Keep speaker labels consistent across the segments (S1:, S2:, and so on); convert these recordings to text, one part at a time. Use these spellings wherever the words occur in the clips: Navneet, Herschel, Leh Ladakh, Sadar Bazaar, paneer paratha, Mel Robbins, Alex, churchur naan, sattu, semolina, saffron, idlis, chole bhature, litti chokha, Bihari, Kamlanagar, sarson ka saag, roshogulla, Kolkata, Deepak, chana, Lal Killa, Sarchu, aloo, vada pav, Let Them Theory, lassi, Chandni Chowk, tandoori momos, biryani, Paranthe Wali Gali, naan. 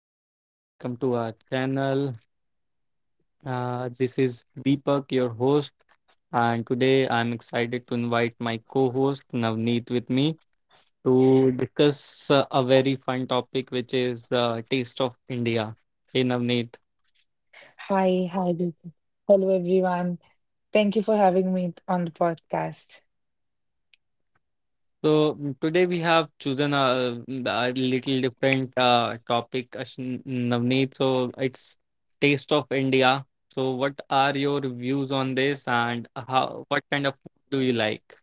S1: Hey guys, welcome to our channel. This is Deepak, your host, and today I'm excited to invite my co host Navneet with me to discuss a very fun topic, which is Taste of India. Hey Navneet.
S2: Hi, hi, Deepa. Hello, everyone. Thank you for having me on the podcast.
S1: Today we have chosen a little different topic, Navneet. So, it's Taste of India. So, what are your views on this, and how what kind of food do you like?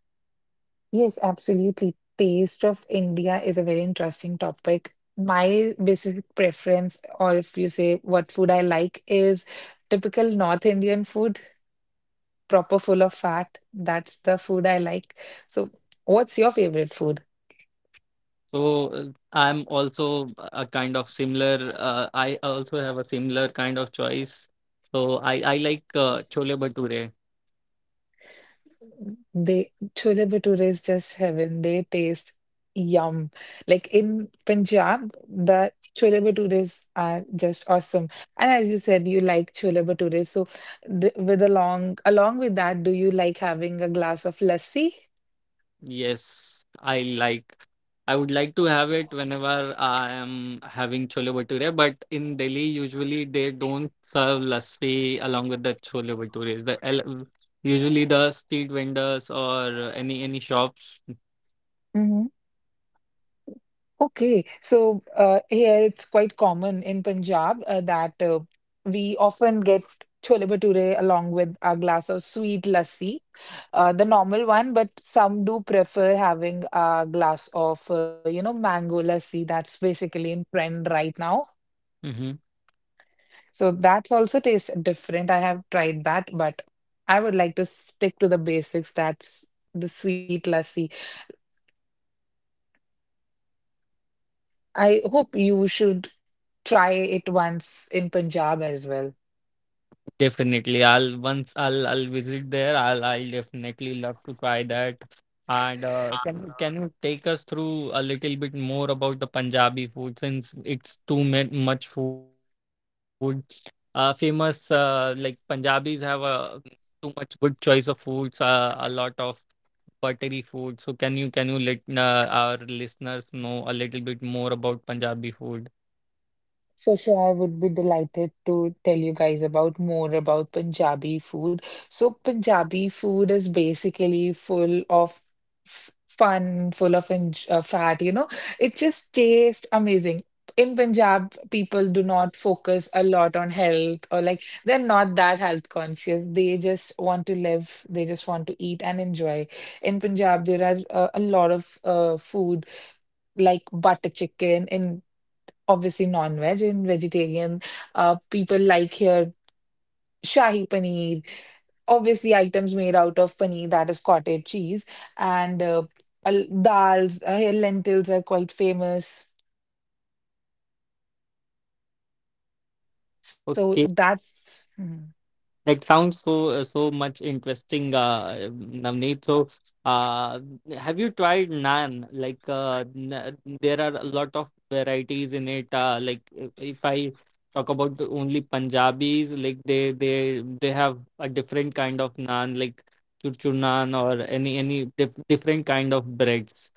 S2: Yes, absolutely. Taste of India is a very interesting topic. My basic preference, or if you say what food I like, is typical North Indian food, proper full of fat. That's the food I like. So, what's your favorite food?
S1: So I'm also a kind of similar. I also have a similar kind of choice. So I like chole bhature.
S2: They chole bhature is just heaven. They taste yum. Like in Punjab, the chole bhatures are just awesome. And as you said, you like chole bhature. So th with along with that, do you like having a glass of lassi?
S1: Yes, I like. I would like to have it whenever I am having chole bhature. But in Delhi, usually they don't serve lassi along with the chole bhatures. Usually the street vendors or any shops.
S2: Hmm. Okay, so here it's quite common in Punjab that we often get chole bhature along with a glass of sweet lassi. The normal one, but some do prefer having a glass of, mango lassi. That's basically in trend right now.
S1: Mm-hmm.
S2: So that's also taste different. I have tried that, but I would like to stick to the basics. That's the sweet lassi. I hope you should try it once in Punjab as well.
S1: Definitely. I'll visit there. I'll definitely love to try that. And can you take us through a little bit more about the Punjabi food since it's much food. Famous like Punjabis have a too much good choice of foods. A lot of buttery food. So can you let our listeners know a little bit more about Punjabi food?
S2: For sure, I would be delighted to tell you guys about more about Punjabi food. So Punjabi food is basically full of fun, full of enj fat. It just tastes amazing. In Punjab, people do not focus a lot on health or like they're not that health conscious. They just want to live, they just want to eat and enjoy. In Punjab, there are a lot of food like butter chicken. In, obviously, non-veg and vegetarian people like here shahi paneer, obviously items made out of paneer that is cottage cheese, and dals, here lentils are quite famous, so that's... Mhm.
S1: That sounds so much interesting, Navneet. So, uh, have you tried naan? Like, n there are a lot of varieties in it. Like, if I talk about the only Punjabis, like they have a different kind of naan, like churchur naan or any different kind of breads.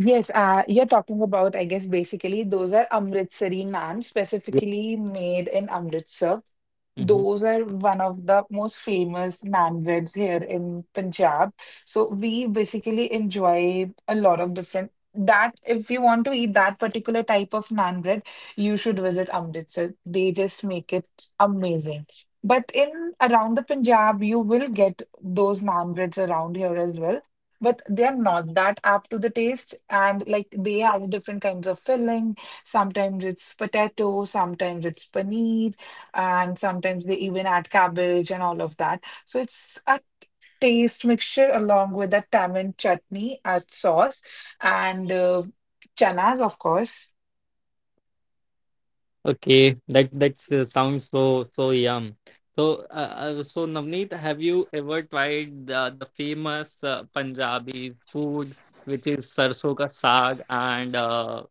S2: Yes, you're talking about, I guess, basically those are amritsari naan specifically made in Amritsar.
S1: Mm-hmm.
S2: Those are one of the most famous naan breads here in Punjab. So we basically enjoy a lot of different that if you want to eat that particular type of naan bread, you should visit Amritsar. They just make it amazing. But in around the Punjab, you will get those naan breads around here as well. But they are not that up to the taste, and like they have different kinds of filling. Sometimes it's potato, sometimes it's paneer and sometimes they even add cabbage and all of that. So it's a taste mixture along with the tamarind chutney as sauce and chanas, of course,
S1: Okay, that's sounds so so yum. So, so Navneet, have you ever tried the famous Punjabi food, which is sarson ka saag and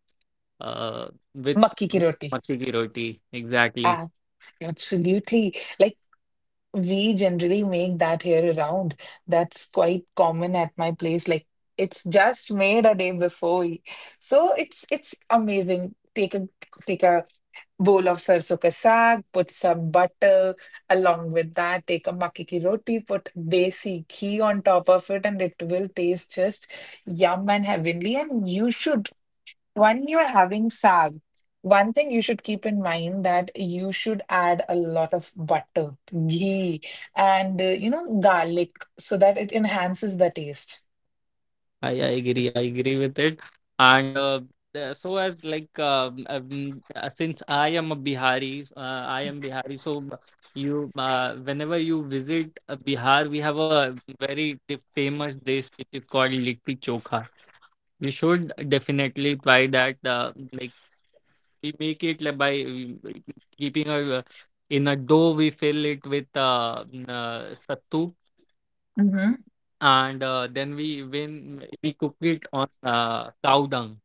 S1: uh, with,
S2: makki ki
S1: with
S2: roti.
S1: makke ki roti? Exactly.
S2: Ah, absolutely. Like we generally make that here around. That's quite common at my place. Like it's just made a day before. So it's amazing. Take a bowl of sarson ka saag, put some butter along with that, take a makke ki roti, put desi ghee on top of it, and it will taste just yum and heavenly. And you should, when you're having saag, one thing you should keep in mind that you should add a lot of butter, ghee, and garlic so that it enhances the taste.
S1: I agree. I agree with it. And so as since I am a Bihari, I am Bihari. Whenever you visit Bihar, we have a famous dish which is called litti chokha. You should definitely try that. Like we make it like, by keeping a in a dough. We fill it with sattu,
S2: Hmm.
S1: and then we when we cook it on cow dung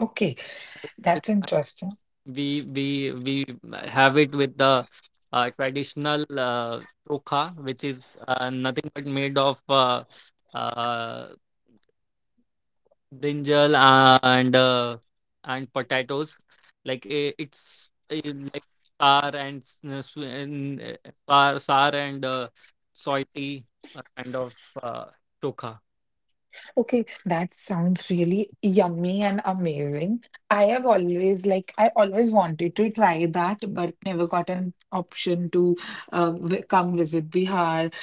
S2: Okay,
S1: with
S2: that's interesting.
S1: we we we have it with the traditional chokha, which is nothing but made of uh, brinjal and potatoes. It's like sour and sour and salty kind of uh, chokha.
S2: Okay, that sounds really yummy and amazing. I always wanted to try that, but never got an option to vi come visit Bihar.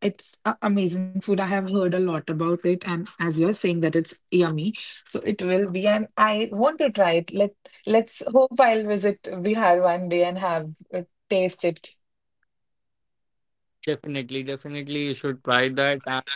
S2: It's a amazing food. I have heard a lot about it, and as you're saying that it's yummy, so it will be. And I want to try it. Let's hope I'll visit Bihar one day and have uh, taste it.
S1: Definitely, definitely, you should try that.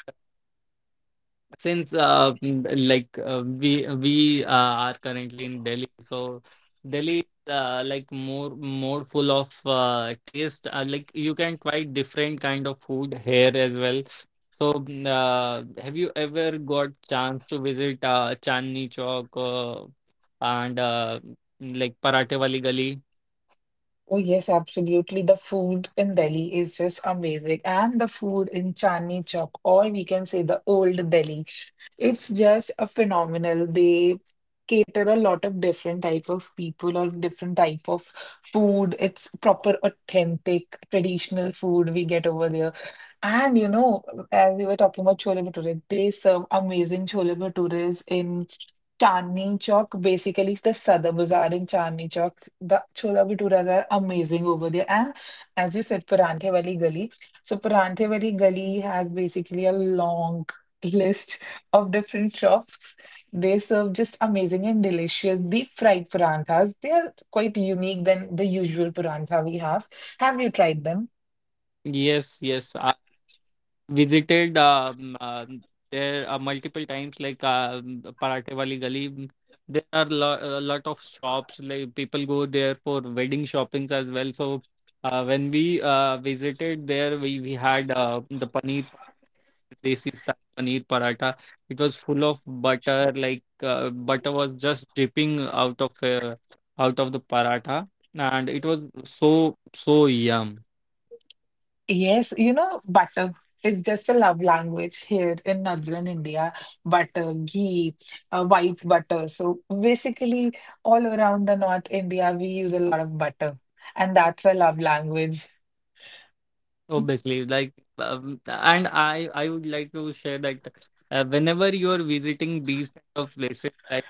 S1: Since like we are currently in Delhi, so Delhi is like more full of taste. Like you can try different kind of food here as well. So, have you ever got chance to visit Chandni Chowk and like Parathe Wali Gali?
S2: Oh, yes, absolutely. The food in Delhi is just amazing. And the food in Chandni Chowk, or we can say the old Delhi, it's just a phenomenal. They cater a lot of different type of people or different type of food. It's proper, authentic, traditional food we get over there. And you know, as we were talking about chole bhature, they serve amazing chole bhatures in Chandni Chowk. Basically, it's the Sadar Bazaar in Chandni Chowk. The chola bhaturas are amazing over there. And as you said, Paranthe Wali Gali. So Paranthe Wali Gali has basically a long list of different shops. They serve just amazing and delicious deep fried paranthas. They are quite unique than the usual parantha we have. Have you tried them?
S1: Yes, yes. Visited there multiple times like parathe wali gali. Mm, there are a lot of shops like people go there for wedding shoppings as well so when we visited there we had the paneer desi style paneer paratha. It was full of butter, like butter was just dripping out of the paratha, and it was so so yum.
S2: Yes, you know, butter is just a love language here in northern India. Butter, ghee, white butter. So basically, all around the North India, we use a lot of butter, and that's a love language.
S1: Obviously, like, and I would like to share that whenever you are visiting these kind of places, like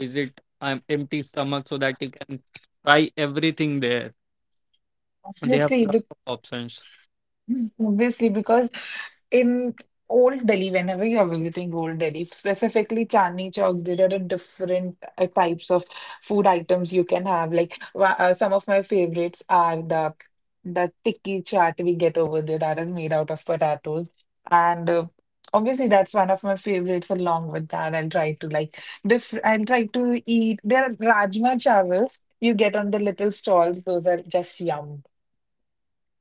S1: visit empty stomach so that you can try everything there. They have
S2: Obviously.
S1: lot of options.
S2: Yes, obviously, because in old Delhi, whenever you're visiting old Delhi, specifically Chandni Chowk, there are different types of food items you can have. Like some of my favorites are the tikki chaat we get over there that is made out of potatoes, and obviously that's one of my favorites. Along with that, I'll try to like different. I'll try to eat. There are rajma chawal you get on the little stalls. Those are just yum.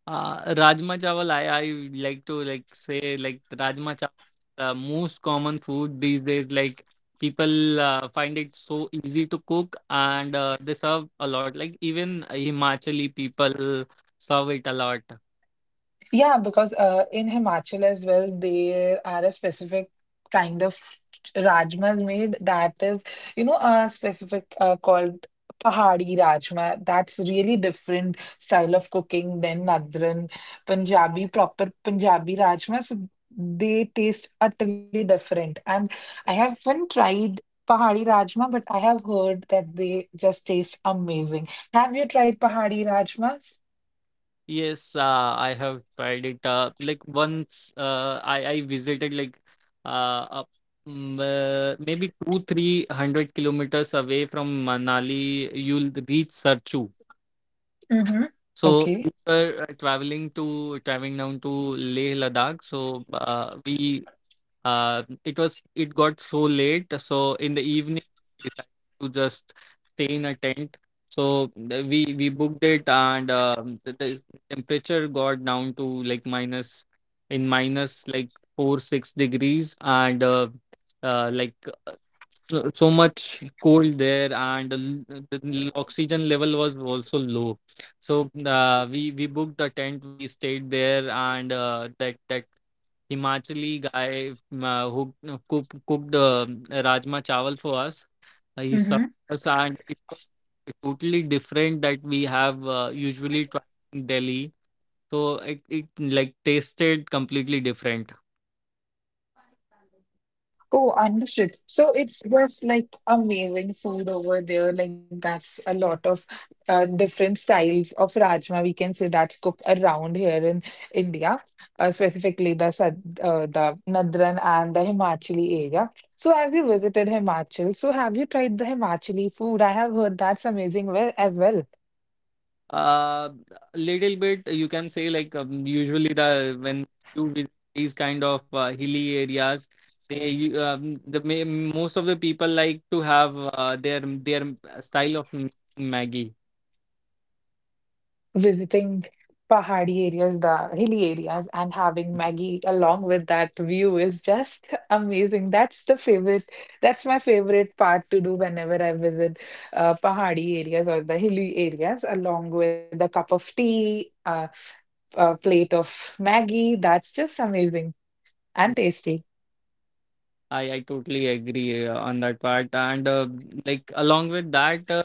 S1: Rajma chawal, I would like to like say like Rajma chawal, is the most common food these days. Like people find it so easy to cook, and they serve a lot. Like even Himachali people serve it a lot.
S2: Yeah, because in Himachal as well, there are a specific kind of rajma made that is, a specific called Pahadi rajma. That's really different style of cooking than Nadran Punjabi, proper Punjabi rajma. So they taste utterly different. And I haven't tried Pahadi rajma, but I have heard that they just taste amazing. Have you tried Pahadi rajmas?
S1: Yes, I have tried it. Like once, I visited like uh, up, maybe two three hundred kilometers away from Manali. You'll reach Sarchu.
S2: Mm-hmm.
S1: So
S2: Okay.
S1: we were traveling down to Leh Ladakh. So we it was it got so late. So in the evening, we decided to just stay in a tent. We booked it, and the temperature got down to minus like 4 or 6 degrees, and uh, like so much cold there, and the oxygen level was also low, so we booked a tent. We stayed there, and that Himachali guy, who cooked rajma chawal for us. He served us, and it was totally different that we have usually tried in Delhi. So it like tasted completely different.
S2: Oh, understood. So it's just like amazing food over there. Like that's a lot of different styles of rajma we can say that's cooked around here in India, specifically the the Nadran and the Himachali area. So have you visited Himachal? So have you tried the Himachali food? I have heard that's amazing well as well.
S1: uh A little bit you can say like usually the when you visit these kind of hilly areas they you- the ma- most of the people like to have their style of making Maggie.
S2: Visiting pahadi areas, the hilly areas, and having Maggie along with that view is just amazing. That's the favorite. That's my favorite part to do whenever I visit pahadi areas or the hilly areas, along with a cup of tea, a plate of Maggie. That's just amazing and tasty.
S1: I totally agree on that part and like along with that.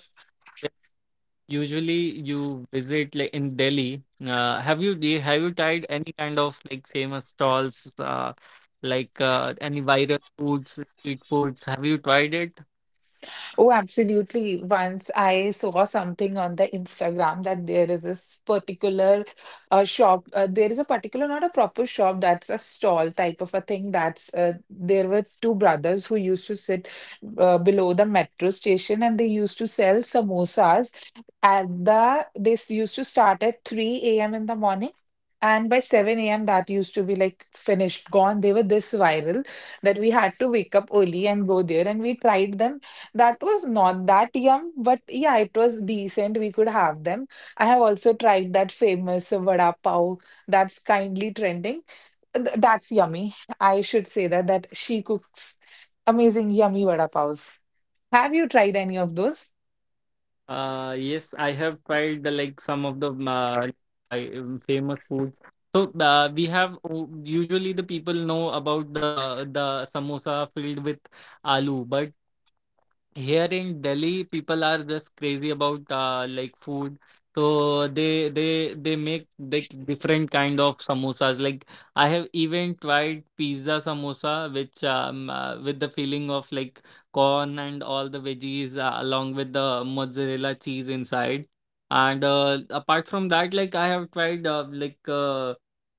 S1: Usually you visit like in Delhi. Have you tried any kind of like famous stalls, any viral foods, street foods? Have you tried it?
S2: Oh, absolutely. Once I saw something on the Instagram that there is this particular shop. There is a particular, not a proper shop, that's a stall type of a thing. That's there were two brothers who used to sit below the metro station and they used to sell samosas at the this used to start at 3 a.m. in the morning, and by 7 a.m. that used to be like finished, gone. They were this viral that we had to wake up early and go there, and we tried them. That was not that yum, but yeah, it was decent. We could have them. I have also tried that famous vada pav that's kindly trending. That's yummy. I should say that that she cooks amazing yummy vada pavs. Have you tried any of those?
S1: Yes, I have tried like some of the famous foods. So we have usually the people know about the samosa filled with aloo, but here in Delhi, people are just crazy about like food. So they make like different kind of samosas. Like I have even tried pizza samosa, which with the feeling of like corn and all the veggies along with the mozzarella cheese inside. And apart from that, like I have tried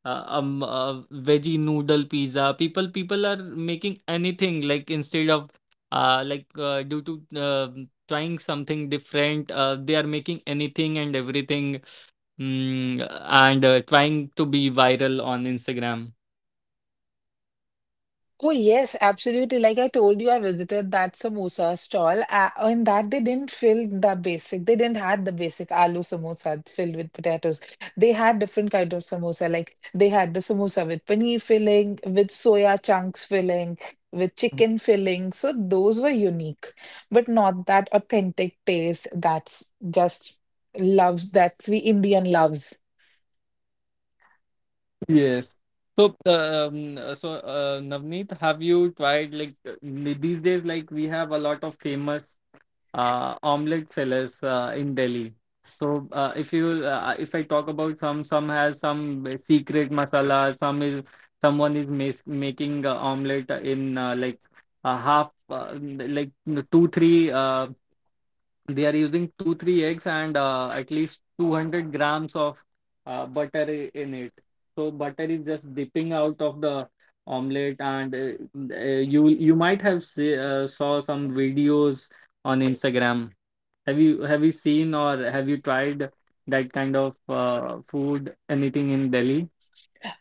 S1: uh, um uh, veggie noodle pizza. People are making anything like instead of like due to trying something different they are making anything and everything, mm, and trying to be viral on instagram.
S2: Oh, yes, absolutely. Like I told you, I visited that samosa stall. In that, they didn't fill the basic. They didn't had the basic aloo samosa filled with potatoes. They had different kind of samosa. Like they had the samosa with paneer filling, with soya chunks filling, with chicken filling. So those were unique, but not that authentic taste that's just loves that we Indian loves.
S1: Yes. So, so Navneet, have you tried these days? Like we have a lot of famous omelette sellers in Delhi. So, if I talk about some has some secret masala. Someone is mas making omelette in like a half, two or three. They are using two or three eggs and at least 200 grams of butter in it, so butter is just dipping out of the omelet, and you might have saw some videos on instagram. Have you seen or have you tried that kind of food anything in delhi?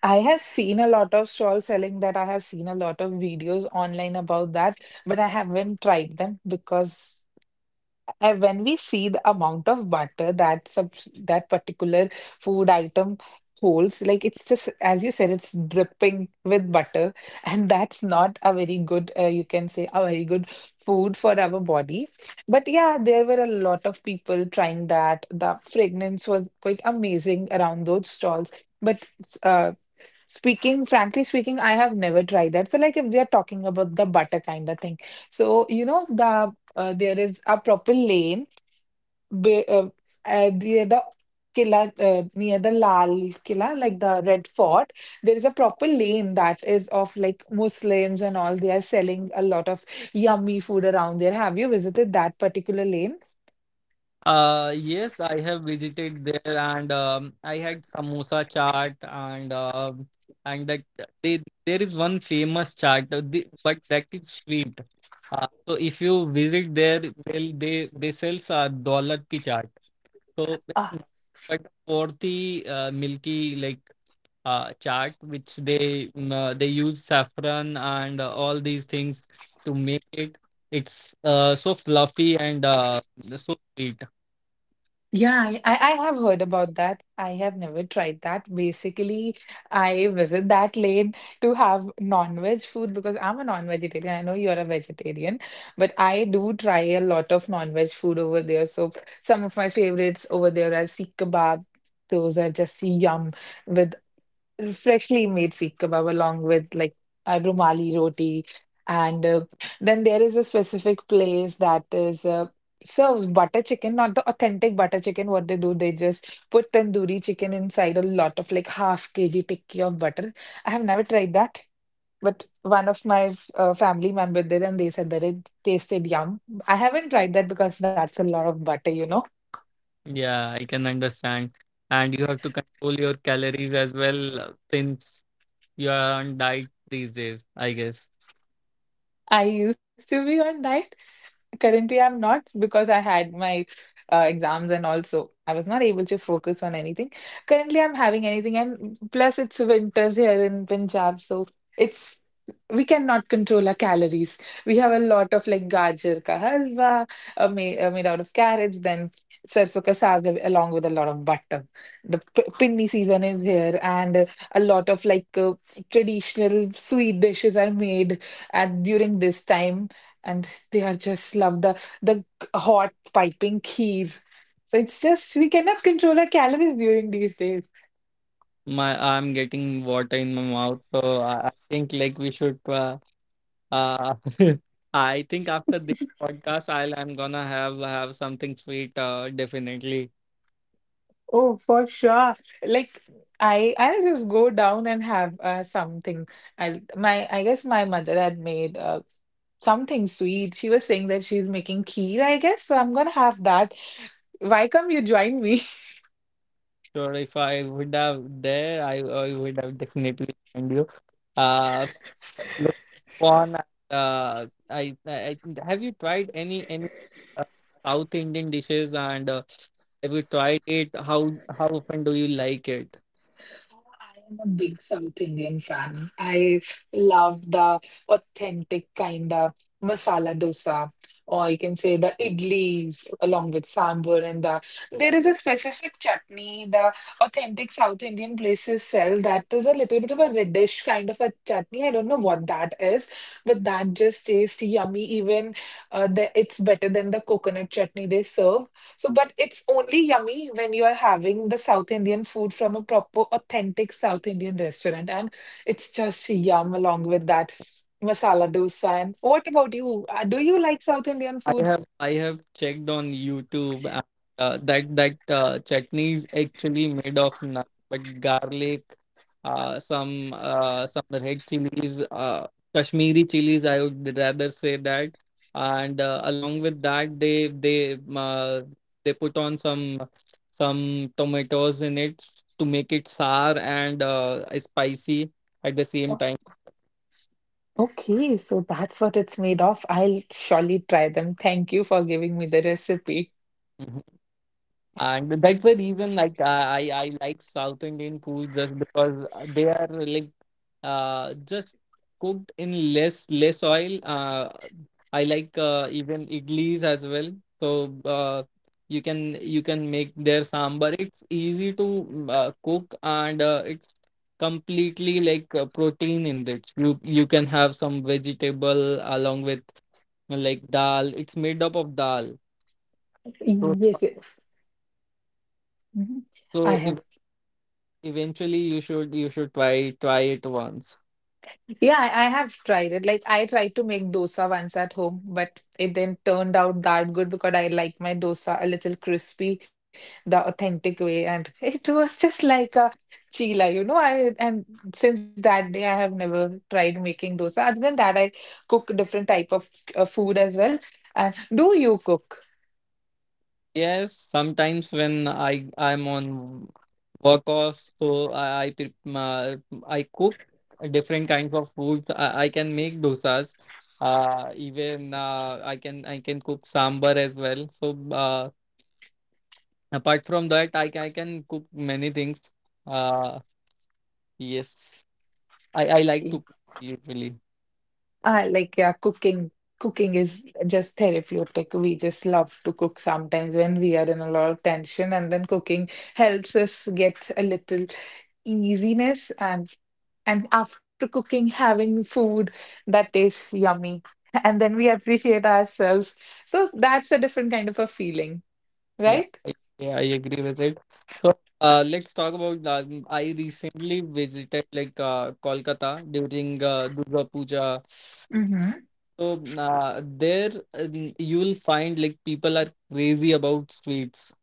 S2: I have seen a lot of stalls selling that. I have seen a lot of videos online about that, but I haven't tried them because when we see the amount of butter that that particular food item holds, like it's just, as you said, it's dripping with butter, and that's not a very good, you can say, a very good food for our body. But yeah, there were a lot of people trying that. The fragrance was quite amazing around those stalls. But uh, frankly speaking, I have never tried that. So, like, if we are talking about the butter kind of thing, so there is a proper lane be, uh, near the Killa, near the Lal Killa, like the Red Fort. There is a proper lane that is of like Muslims and all. They are selling a lot of yummy food around there. Have you visited that particular lane?
S1: Yes, I have visited there, and I had samosa chaat, and that there is one famous chaat, but that is sweet. So if you visit there, they sells daulat ki chaat. So it's nothing but for the milky like chaat, which they use saffron and all these things to make it. It's so fluffy and so sweet.
S2: Yeah, I have heard about that. I have never tried that. Basically, I visit that lane to have non-veg food because I'm a non-vegetarian. I know you're a vegetarian, but I do try a lot of non-veg food over there. So some of my favorites over there are Sikh kebab. Those are just yum with freshly made seekh kebab along with like a rumali roti. And then there is a specific place that is serves butter chicken, not the authentic butter chicken. What they do, they just put tandoori chicken inside a lot of like half kg tikki of butter. I have never tried that, but one of my family member did, and they said that it tasted yum. I haven't tried that because that's a lot of butter.
S1: Yeah, I can understand. And you have to control your calories as well since you are on diet these days, I guess.
S2: I used to be on diet. Currently, I'm not because I had my exams and also I was not able to focus on anything. Currently, I'm having anything, and plus it's winters here in Punjab, so it's we cannot control our calories. We have a lot of like gajar ka halwa made out of carrots, then sarson ka saag av- along with a lot of butter. The p pinni season is here, and a lot of like traditional sweet dishes are made at during this time and they are just love the hot piping kheer. So it's just we cannot control our calories during these days.
S1: My I'm getting water in my mouth, so I think like we should uh I think after this podcast I'm gonna have something sweet definitely.
S2: Oh, for sure. Like I'll just go down and have something. I my I guess my mother had made something sweet. She was saying that she's making kheer, I guess. So I'm gonna have that. Why come you join me?
S1: Sure if I would have there, I would have definitely joined you. Uh Look on. I Have you tried any uh, South Indian dishes and have you tried it? How often do you like it?
S2: I am a big South Indian fan. I love the authentic kind of masala dosa, or you can say the idlis along with sambar and the. There is a specific chutney the authentic South Indian places sell that is a little bit of a reddish kind of a chutney. I don't know what that is, but that just tastes yummy. Even it's better than the coconut chutney they serve. So, but it's only yummy when you are having the South Indian food from a proper, authentic South Indian restaurant. And it's just yum along with that masala dosa. And what about you? Do you like South Indian food?
S1: I have checked on YouTube, and that chutney is actually made of nothing but garlic, some red chilies, Kashmiri chilies. I would rather say that, and along with that, they put on some tomatoes in it to make it sour and spicy at the same
S2: Oh,
S1: time.
S2: okay, so that's what it's made of. I'll surely try them. Thank you for giving me the recipe.
S1: And that's the reason, like, I like South Indian food just because they are like, just cooked in less oil. I like even idlis as well. So, you can make their sambar. It's easy to cook, and it's completely like protein enriched. You can have some vegetable along with like dal. It's made up of dal. So.
S2: Yes, yes. Mhm. I
S1: So
S2: have
S1: eventually you should try it once.
S2: Yeah, I have tried it. Like I tried to make dosa once at home, but it then turned out that good because I like my dosa a little crispy, the authentic way, and it was just like a chila. I and Since that day, I have never tried making dosa. Other than that, I cook different type of food as well. And do you cook?
S1: Yes, sometimes when I'm on work off, so I I cook different kinds of foods. I can make dosas. Even I can I can cook sambar as well. Apart from that, I, can I can cook many things. uh yes, I like to cook usually.
S2: I like, yeah, cooking. Cooking is just therapeutic. We just love to cook sometimes when we are in a lot of tension, and then cooking helps us get a little easiness and after cooking, having food that tastes yummy, and then we appreciate ourselves. So that's a different kind of a feeling,
S1: Yeah,
S2: right?
S1: I agree with it. So, let's talk about. I recently visited like Kolkata during Durga Puja. So there you'll find like people are crazy about sweets.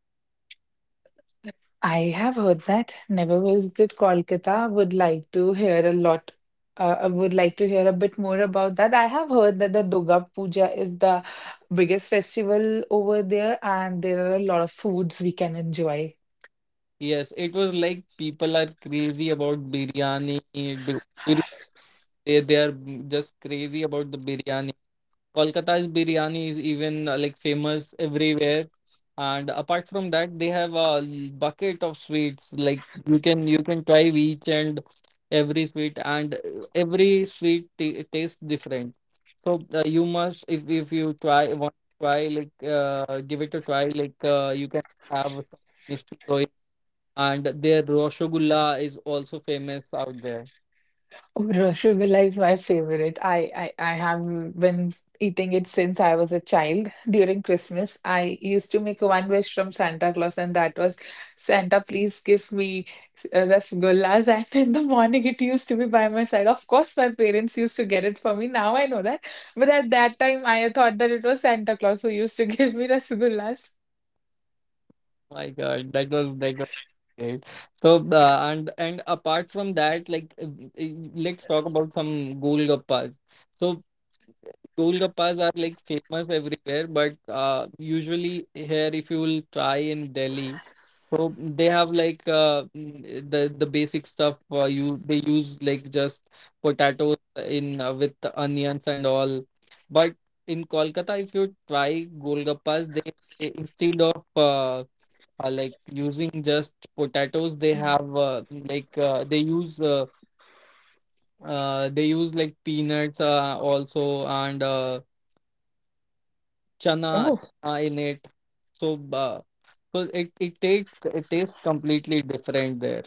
S2: I have heard that. Never visited Kolkata. Would like to hear a lot. I would like to hear a bit more about that. I have heard that the Durga Puja is the biggest festival over there, and there are a lot of foods we can enjoy.
S1: Yes, it was like people are crazy about biryani. They are just crazy about the biryani. Kolkata's biryani is even like famous everywhere. And apart from that, they have a bucket of sweets. Like you can try each and every sweet t tastes different. So you must, if you try want to try, like give it a try. Like you can have some misty going, and their roshogulla is also famous out there.
S2: Oh, Rasgulla is my favorite. I have been eating it since I was a child. During Christmas, I used to make one wish from Santa Claus, and that was, Santa, please give me rasgullas. And in the morning, it used to be by my side. Of course, my parents used to get it for me. Now I know that, but at that time, I thought that it was Santa Claus who used to give me rasgullas.
S1: My God, that was that. Great. So, and apart from that, like let's talk about some Golgappas. So, Golgappas are like famous everywhere, but usually here, if you will try in Delhi, so they have like the basic stuff. You they use like just potatoes in with the onions and all. But in Kolkata, if you try Golgappas, they, instead of like using just potatoes, they have like uh, they use uh, they use like peanuts also, and chana, chana in it. So so it tastes completely different there.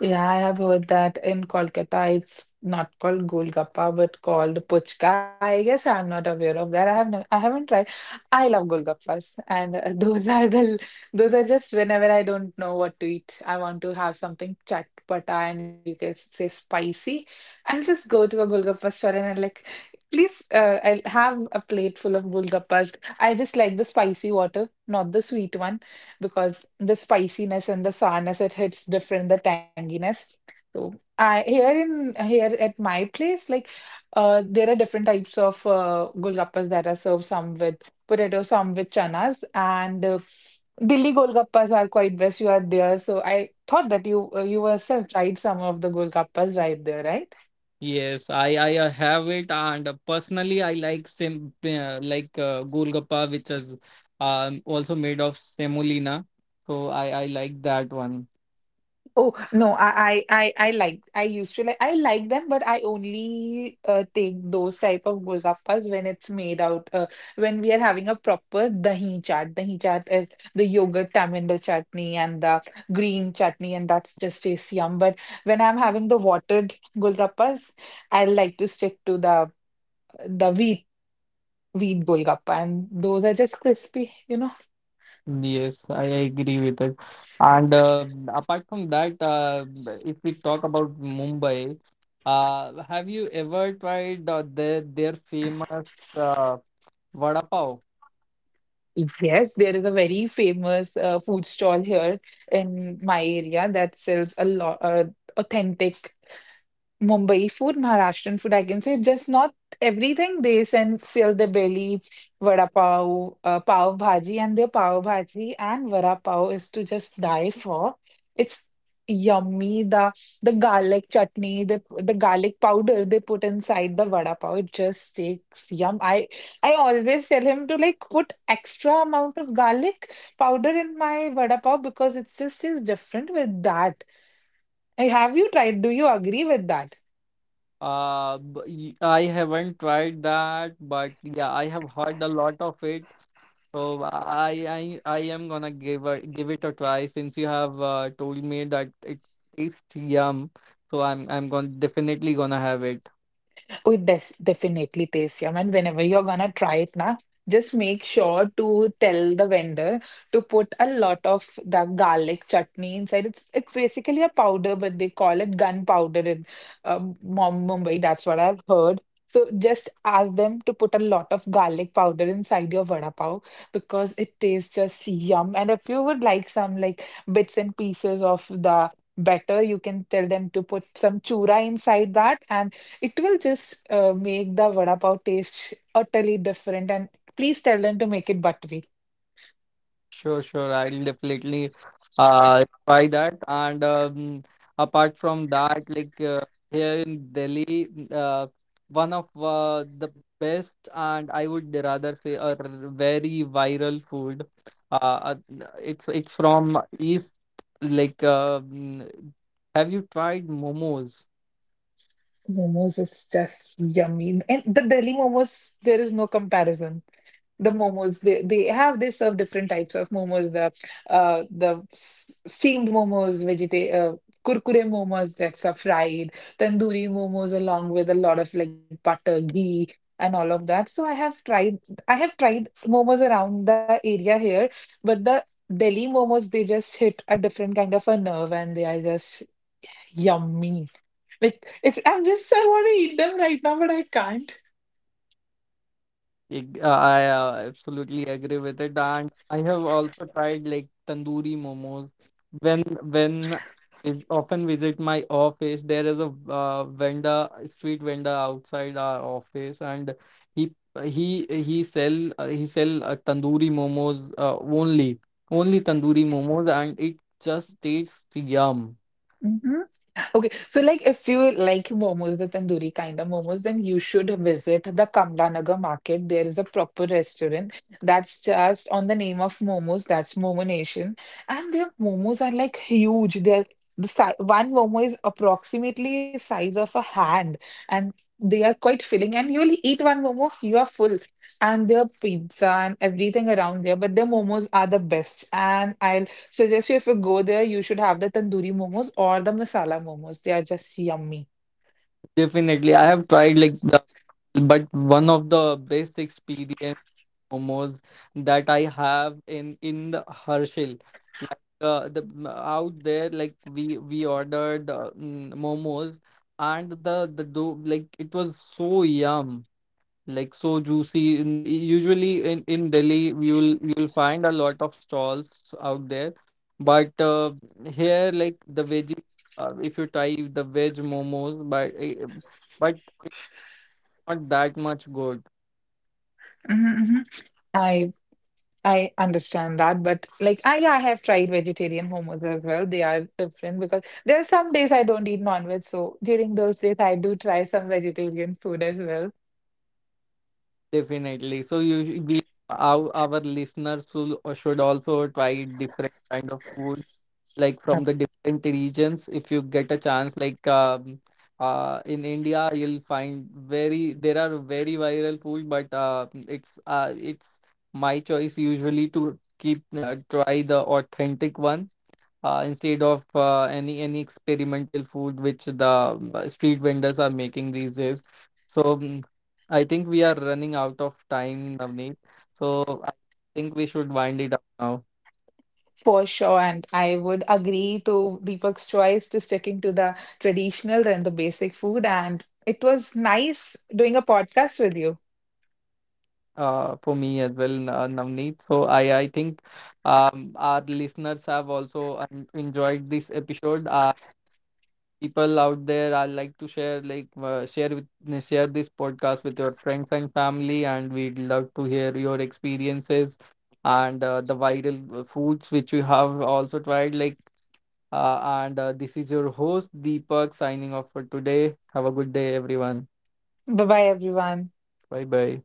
S2: Yeah, I have heard that in Kolkata it's not called Golgappa but called Puchka. I guess I'm not aware of that. I haven't tried. I love Golgappas and those are just whenever I don't know what to eat. I want to have something chatpata and you can say spicy. I'll just go to a Golgappa store and I'm like, please, I'll have a plate full of Golgappas. I just like the spicy water, not the sweet one because the spiciness and the sourness it hits different, the tanginess. So I here in here at my place, like there are different types of golgappas that are served. Some with potato, some with chanas, and Delhi golgappas are quite best. You are there, so I thought that you yourself tried some of the golgappas right there, right?
S1: Yes, I have it, and personally I like golgappa which is also made of semolina. So I like that one.
S2: Oh no, I like I used to like I like them, but I only take those type of golgappas when it's made out when we are having a proper dahi chaat. Dahi chaat is the yogurt tamarind chutney and the green chutney, and that's just tastes yum. But when I'm having the watered golgappas, I like to stick to the wheat golgappa, and those are just crispy, you know.
S1: Yes, I agree with it. And apart from that, if we talk about Mumbai, have you ever tried their famous vada pav?
S2: Yes, there is a very famous food stall here in my area that sells a lot authentic Mumbai food, Maharashtrian food, I can say just not everything. They send seal the belly, vada pav, pav bhaji, and their pav bhaji and vada pav is to just die for. It's yummy. The garlic chutney, the garlic powder they put inside the vada pav, it just takes yum. I always tell him to like put extra amount of garlic powder in my vada pav because it's just is different with that. Have you tried? Do you agree with that?
S1: I haven't tried that, but yeah, I have heard a lot of it. So I am gonna give it a try, since you have told me that it tastes yum. So I'm gonna definitely gonna have it.
S2: Oh, it des definitely tastes yum. And whenever you're gonna try it na, just make sure to tell the vendor to put a lot of the garlic chutney inside. It's basically a powder, but they call it gunpowder in Mumbai. That's what I've heard. So just ask them to put a lot of garlic powder inside your vada pav because it tastes just yum. And if you would like some like bits and pieces of the batter, you can tell them to put some chura inside that and. It will just make the vada pav taste utterly different. And please tell them to make it buttery.
S1: Sure, sure. I'll definitely try that. And apart from that, like here in Delhi, one of the best, and I would rather say a very viral food. Uh, uh, it's from East. Like, have you tried momos?
S2: Momos, it's just yummy. And the Delhi momos, there is no comparison. The momos they serve different types of momos, the steamed momos, vegeta kurkure momos that are fried, tandoori momos along with a lot of like butter ghee and all of that. So I have tried momos around the area here, but the Delhi momos they just hit a different kind of a nerve and they are just yummy. Like it's, I'm just, I want to eat them right now but I can't.
S1: I absolutely agree with it, and I have also tried like tandoori momos. When when I often visit my office, there is a vendor, street vendor outside our office, and he he sell tandoori momos, only only tandoori momos, and it just tastes yum.
S2: Mm-hmm. Okay, so like if you like momos, the tandoori kind of momos, then you should visit the Kamlanagar market. There is a proper restaurant that's just on the name of momos. That's Momo Nation, and their momos are like huge. They're the si One momo is approximately size of a hand, and they are quite filling. And you only eat one momo, you are full. And their pizza and everything around there, but their momos are the best. And I'll suggest you if you go there, you should have the tandoori momos or the masala momos. They are just yummy.
S1: Definitely, I have tried but one of the best experience momos that I have in the Herschel. Like out there, like we ordered momos, and the dough, like it was so yum, like so juicy. Usually in Delhi, you'll find a lot of stalls out there, but here like the veggie. If you try the veg momos, but it's not that much good.
S2: Hmm, hmm. I I understand that, but like I have tried vegetarian momos as well. They are different because there are some days I don't eat non-veg, so during those days I do try some vegetarian food as well.
S1: Definitely. So our listeners should also try different kind of food, like from
S2: Yep.
S1: the different regions. If you get a chance, like in India, you'll find very there are very viral food, but it's my choice usually to keep try the authentic one, instead of any experimental food which the street vendors are making these days. So I think we are running out of time, Navneet. So I think we should wind it up now.
S2: For sure, and I would agree to Deepak's choice to sticking to the traditional and the basic food. And it was nice doing a podcast with you.
S1: For me as well, Navneet. So I think our listeners have also enjoyed this episode. People out there, I like to share this podcast with your friends and family, and we'd love to hear your experiences and the viral foods which you have also tried, like and this is your host Deepak signing off for today. Have a good day, everyone.
S2: Bye bye, everyone.
S1: Bye bye.